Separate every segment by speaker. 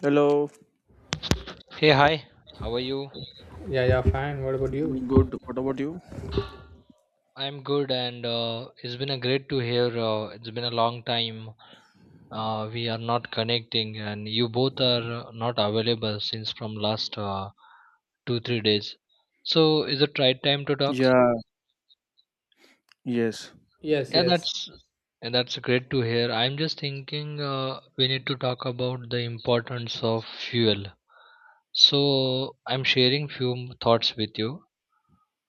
Speaker 1: Hello,
Speaker 2: Hey, hi. How are you?
Speaker 3: Yeah, yeah, fine. What about you?
Speaker 1: doing good. What about you?
Speaker 2: I'm good, and it's been a great to hear. It's been a long time. We are not connecting, and you both are not available since from last 2-3 days. So is it right time to talk?
Speaker 1: Yeah, yes,
Speaker 3: Yes,
Speaker 2: Yeah,
Speaker 3: yes.
Speaker 2: that's and that's great to hear. I'm just thinking we need to talk about the importance of fuel. So I'm sharing few thoughts with you.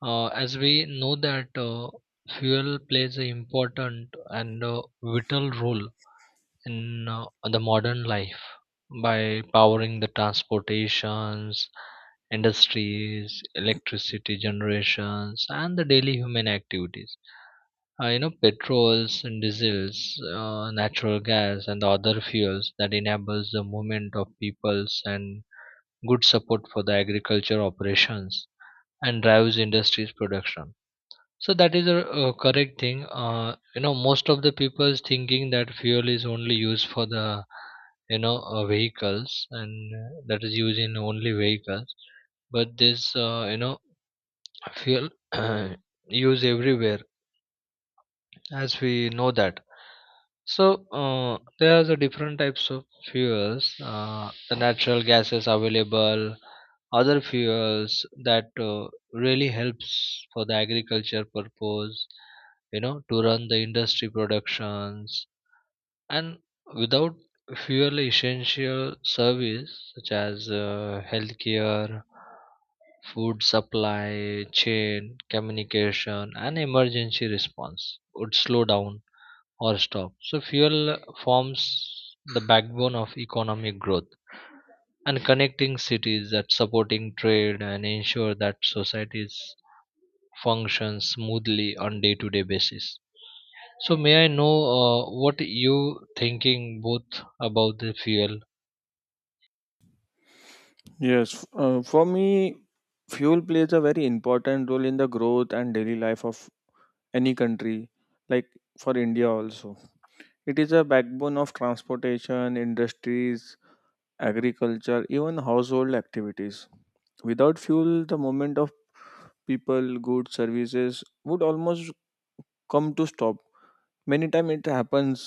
Speaker 2: As we know that fuel plays an important and vital role in the modern life by powering the transportations, industries, electricity generations, and the daily human activities. Petrols and diesels, natural gas, and the other fuels that enables the movement of peoples and good support for the agriculture operations and drives industries production, so that is a, correct thing. Most of the people's thinking that fuel is only used for the vehicles and that is used in only vehicles. But this fuel used everywhere, as we know that. So there are the different types of fuels. The natural gases available, other fuels that really helps for the agriculture purpose, to run the industry productions, and without fuel essential service such as healthcare, food supply chain, communication and emergency response would slow down or stop. So fuel forms the backbone of economic growth and connecting cities, that supporting trade and ensure that societies function smoothly on day to day basis. So may I know what you thinking both about the fuel?
Speaker 1: yes. For me, fuel plays a very important role in the growth and daily life of any country, like for India also. It is a backbone of transportation, industries, agriculture, even household activities. Without fuel, the movement of people, goods, services would almost come to stop. Many time it happens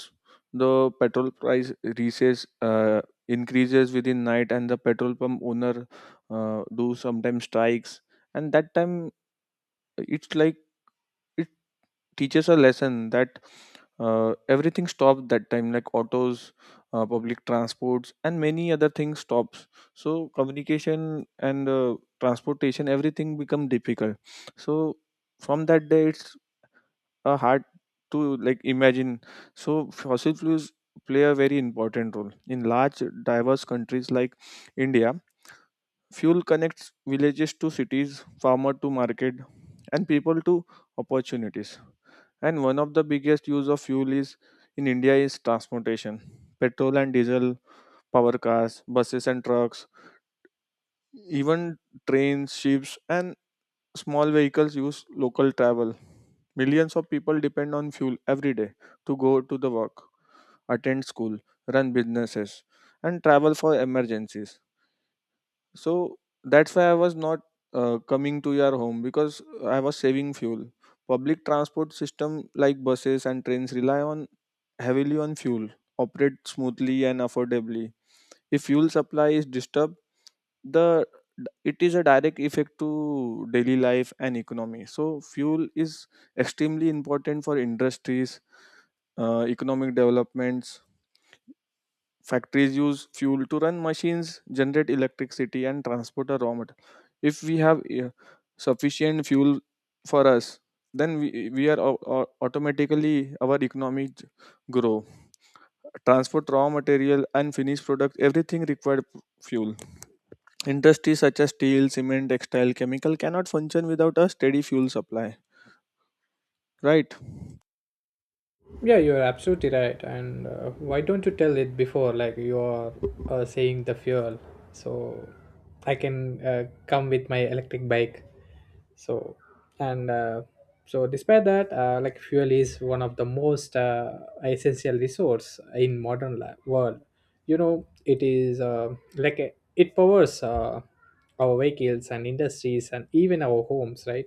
Speaker 1: the petrol price recess increases within night, and the petrol pump owner do sometimes strikes, and that time it's like it teaches a lesson that everything stops that time, like autos, public transports and many other things stops. So communication and transportation, everything become difficult. So from that day, it's hard to like imagine. So fossil fuels play a very important role in large diverse countries like India. Fuel connects villages to cities, farmer to market, and people to opportunities. And one of the biggest use of fuel is in India is transportation. Petrol and diesel power cars, buses and trucks, even trains, ships, and small vehicles use local travel. Millions of people depend on fuel every day to go to the work, attend school, run businesses, and travel for emergencies. So that's why I was not coming to your home, because I was saving fuel. Public transport system like buses and trains rely on heavily on fuel, operate smoothly and affordably. If fuel supply is disturbed, the it is a direct effect to daily life and economy. So fuel is extremely important for industries, economic developments. Factories use fuel to run machines, generate electricity, and transport a raw material. If we have sufficient fuel for us, then we are automatically our economy grow, transport raw material and finished product, everything required fuel. Industries such as steel, cement, textile, chemical cannot function without a steady fuel supply, right?
Speaker 3: Yeah, you're absolutely right. And why don't you tell it before, like you are saying the fuel, so I can come with my electric bike. So, and uh, so despite that, like fuel is one of the most essential resource in modern life world. You know, it is it powers our vehicles and industries and even our homes, right?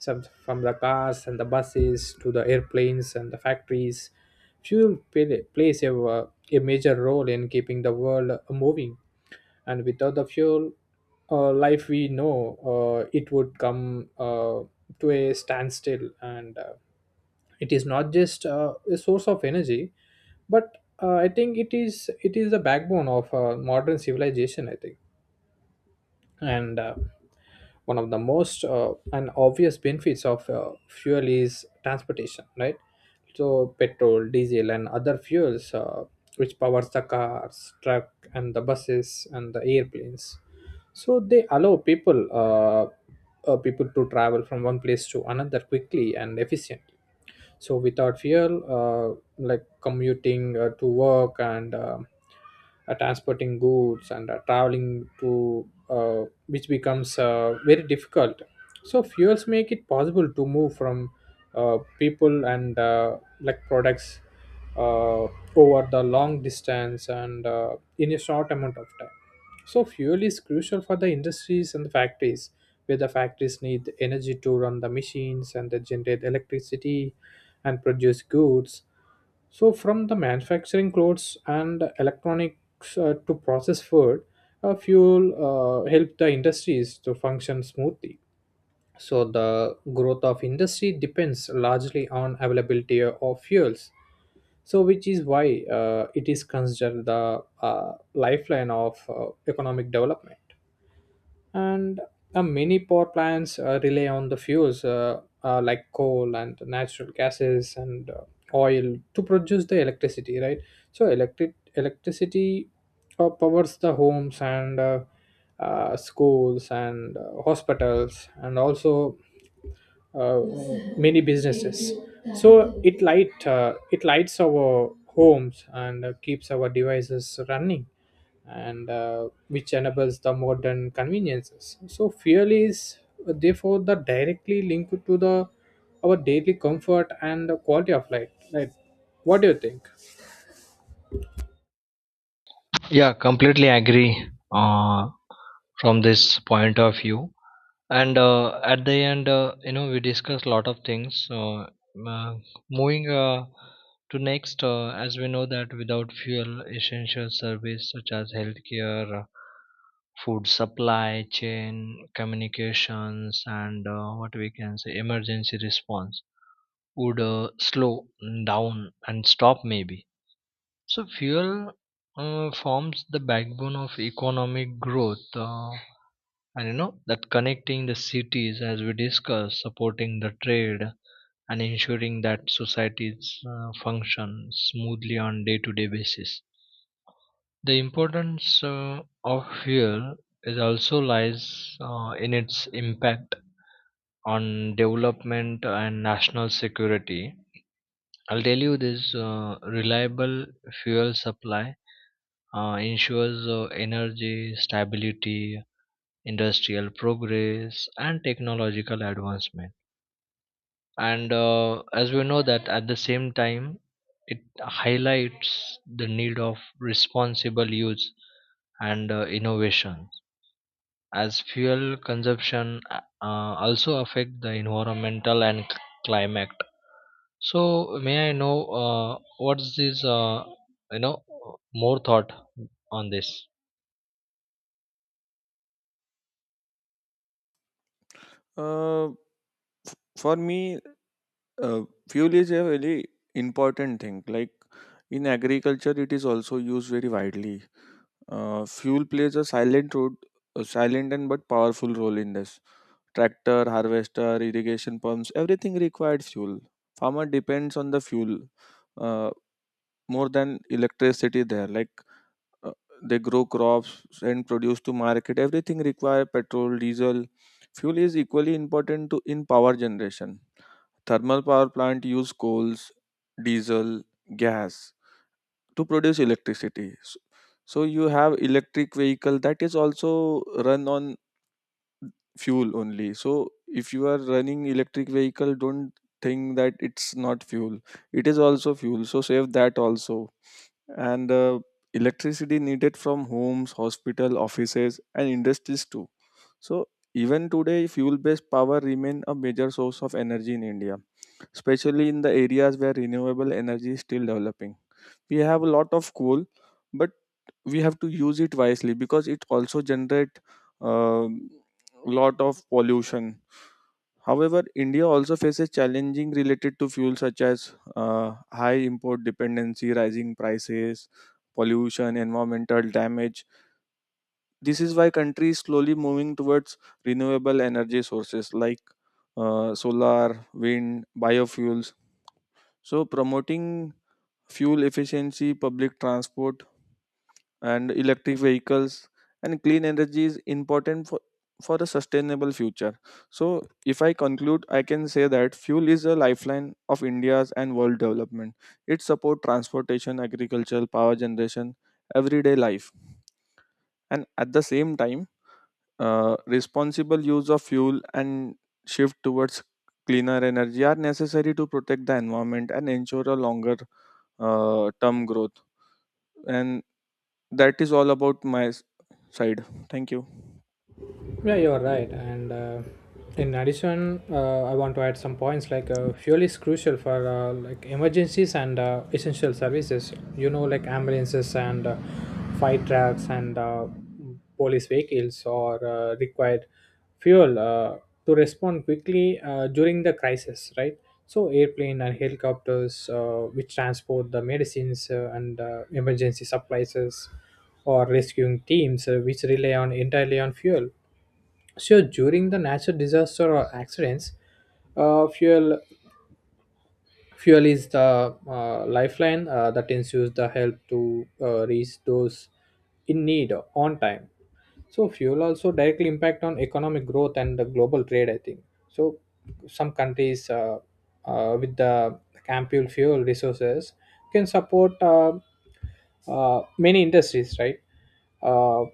Speaker 3: Some from the cars and the buses to the airplanes and the factories. Fuel plays a major role in keeping the world moving, and without the fuel, life we know it would come to a standstill. And it is not just a source of energy, but I think it is the backbone of modern civilization, I think. And one of the most and obvious benefits of fuel is transportation, right? So petrol, diesel and other fuels, which powers the cars, truck and the buses and the airplanes, so they allow people people to travel from one place to another quickly and efficient. So without fuel, like commuting to work and transporting goods and traveling to which becomes very difficult. So fuels make it possible to move from people and like products uh, over the long distance and in a short amount of time. So fuel is crucial for the industries and the factories, where the factories need energy to run the machines and they generate electricity and produce goods. So from the manufacturing clothes and electronics to process food, fuel help the industries to function smoothly. So the growth of industry depends largely on availability of fuels. So which is why it is considered the lifeline of economic development. And many power plants rely on the fuels like coal and natural gases and oil to produce the electricity, right? So electric electricity powers the homes and schools and hospitals and also uh, many businesses. So it lights our homes and keeps our devices running and which enables the modern conveniences. So fuel is therefore the directly linked to the our daily comfort and the quality of life, right? What do you think?
Speaker 2: Yeah, completely agree from this point of view. And at the end, we discussed a lot of things. Uh, moving to next, as we know that without fuel, essential service such as healthcare, food supply chain, communications, and what we can say emergency response would slow down and stop maybe. So fuel forms the backbone of economic growth, and you know that connecting the cities as we discussed, supporting the trade and ensuring that societies function smoothly on day to day basis. The importance of fuel is also lies in its impact on development and national security. I'll tell you this, reliable fuel supply ensures energy stability, industrial progress, and technological advancement. And as we know that at the same time, it highlights the need of responsible use and innovation, as fuel consumption also affect the environmental and climate. So may I know, uh, what's this you know more thought on this?
Speaker 1: For me, uh, fuel is a very important thing. Like in agriculture, it is also used very widely. Fuel plays a silent role, a silent and but powerful role in this. Tractor, harvester, irrigation pumps, everything required fuel. Farmer depends on the fuel, uh, more than electricity there. Like uh, they grow crops and produce to market, everything require petrol, diesel. Fuel is equally important to in power generation. Thermal power plant use coals, diesel, gas to produce electricity. So you have electric vehicle, that is also run on fuel only. So if you are running electric vehicle, don't think that it's not fuel, it is also fuel, so save that also. And electricity needed from homes, hospital, offices and industries too. So even today, fuel based power remain a major source of energy in India, especially in the areas where renewable energy is still developing. We have a lot of coal, but we have to use it wisely, because it also generate a lot of pollution. However, India also faces challenging related to fuel such as high import dependency, rising prices, pollution, environmental damage. This is why country is slowly moving towards renewable energy sources like solar, wind, biofuels. So promoting fuel efficiency, public transport, and electric vehicles, and clean energy is important for a sustainable future. So if I conclude, I can say that fuel is a lifeline of India's and world development. It supports transportation, agriculture, power generation, everyday life. And at the same time, responsible use of fuel and shift towards cleaner energy are necessary to protect the environment and ensure a longer term growth. And that is all about my side. Thank you.
Speaker 3: Yeah, you're right. And in addition, I want to add some points like fuel is crucial for like emergencies and essential services. You know, like ambulances and fire trucks and police vehicles or required fuel to respond quickly during the crisis, right? So airplane and helicopters, which transport the medicines and emergency supplies, or rescuing teams, which rely on entirely on fuel. Sure, during the natural disaster or accidents, uh, fuel fuel is the lifeline that ensures the help to reach those in need on time. So fuel also directly impact on economic growth and the global trade, I think. So some countries with the ample fuel resources can support many industries, right? Uh,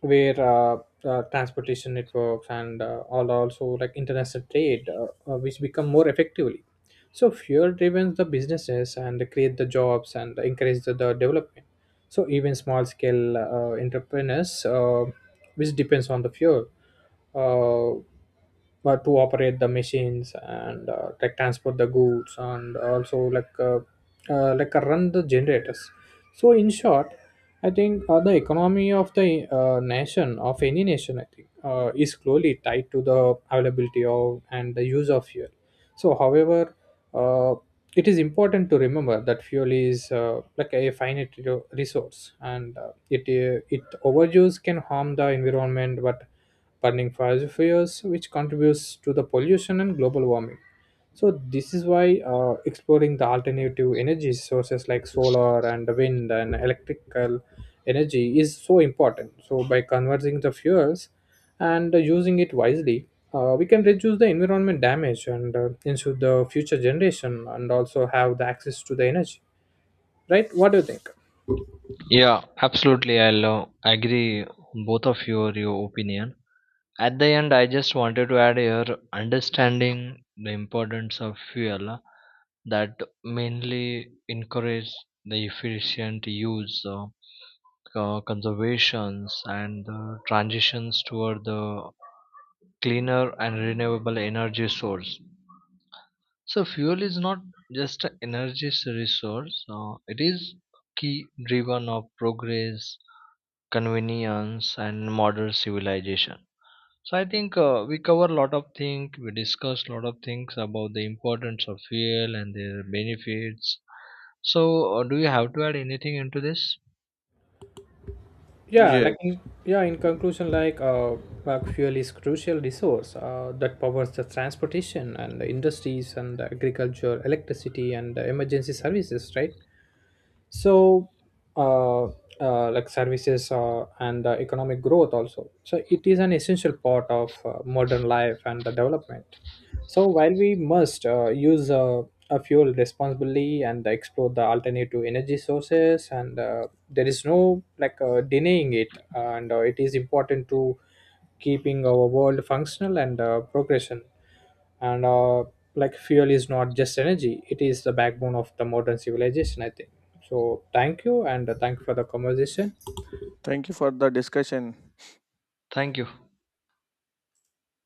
Speaker 3: where transportation networks and all also like international trade, which become more effectively. So fuel driven the businesses and create the jobs and encourage the development. So even small scale entrepreneurs which depends on the fuel uh, but to operate the machines and like transport the goods and also like run the generators. So in short, I think the economy of the nation, of any nation, I think, is closely tied to the availability of and the use of fuel. So, however, uh, it is important to remember that fuel is like a finite resource, and it it overuse can harm the environment, but burning fossil fuels, which contributes to the pollution and global warming. So this is why exploring the alternative energy sources like solar and wind and electrical energy is so important. So by converting the fuels and using it wisely, we can reduce the environment damage and ensure the future generation and also have the access to the energy. Right? What do you think?
Speaker 2: Yeah, absolutely, I'll agree both of your opinion. At the end, I just wanted to add here understanding the importance of fuel, that mainly encourage the efficient use, conservations, and the transitions toward the cleaner and renewable energy source. So, fuel is not just an energy resource; it is key driven of progress, convenience, and modern civilization. So I think we cover a lot of things. We discussed a lot of things about the importance of fuel and their benefits. So do you have to add anything into this?
Speaker 3: yeah like
Speaker 1: Yes.
Speaker 3: in, yeah, in conclusion, like fuel is crucial resource that powers the transportation and the industries and the agriculture electricity and the emergency services, right? So uh, like services and economic growth also. So it is an essential part of modern life and the development. So while we must use a fuel responsibly and explore the alternative energy sources and there is no like denying it, and it is important to keeping our world functional and progression. And like fuel is not just energy, it is the backbone of the modern civilization, I think. So thank you, and thank you for the conversation.
Speaker 1: Thank you for the discussion.
Speaker 2: Thank you.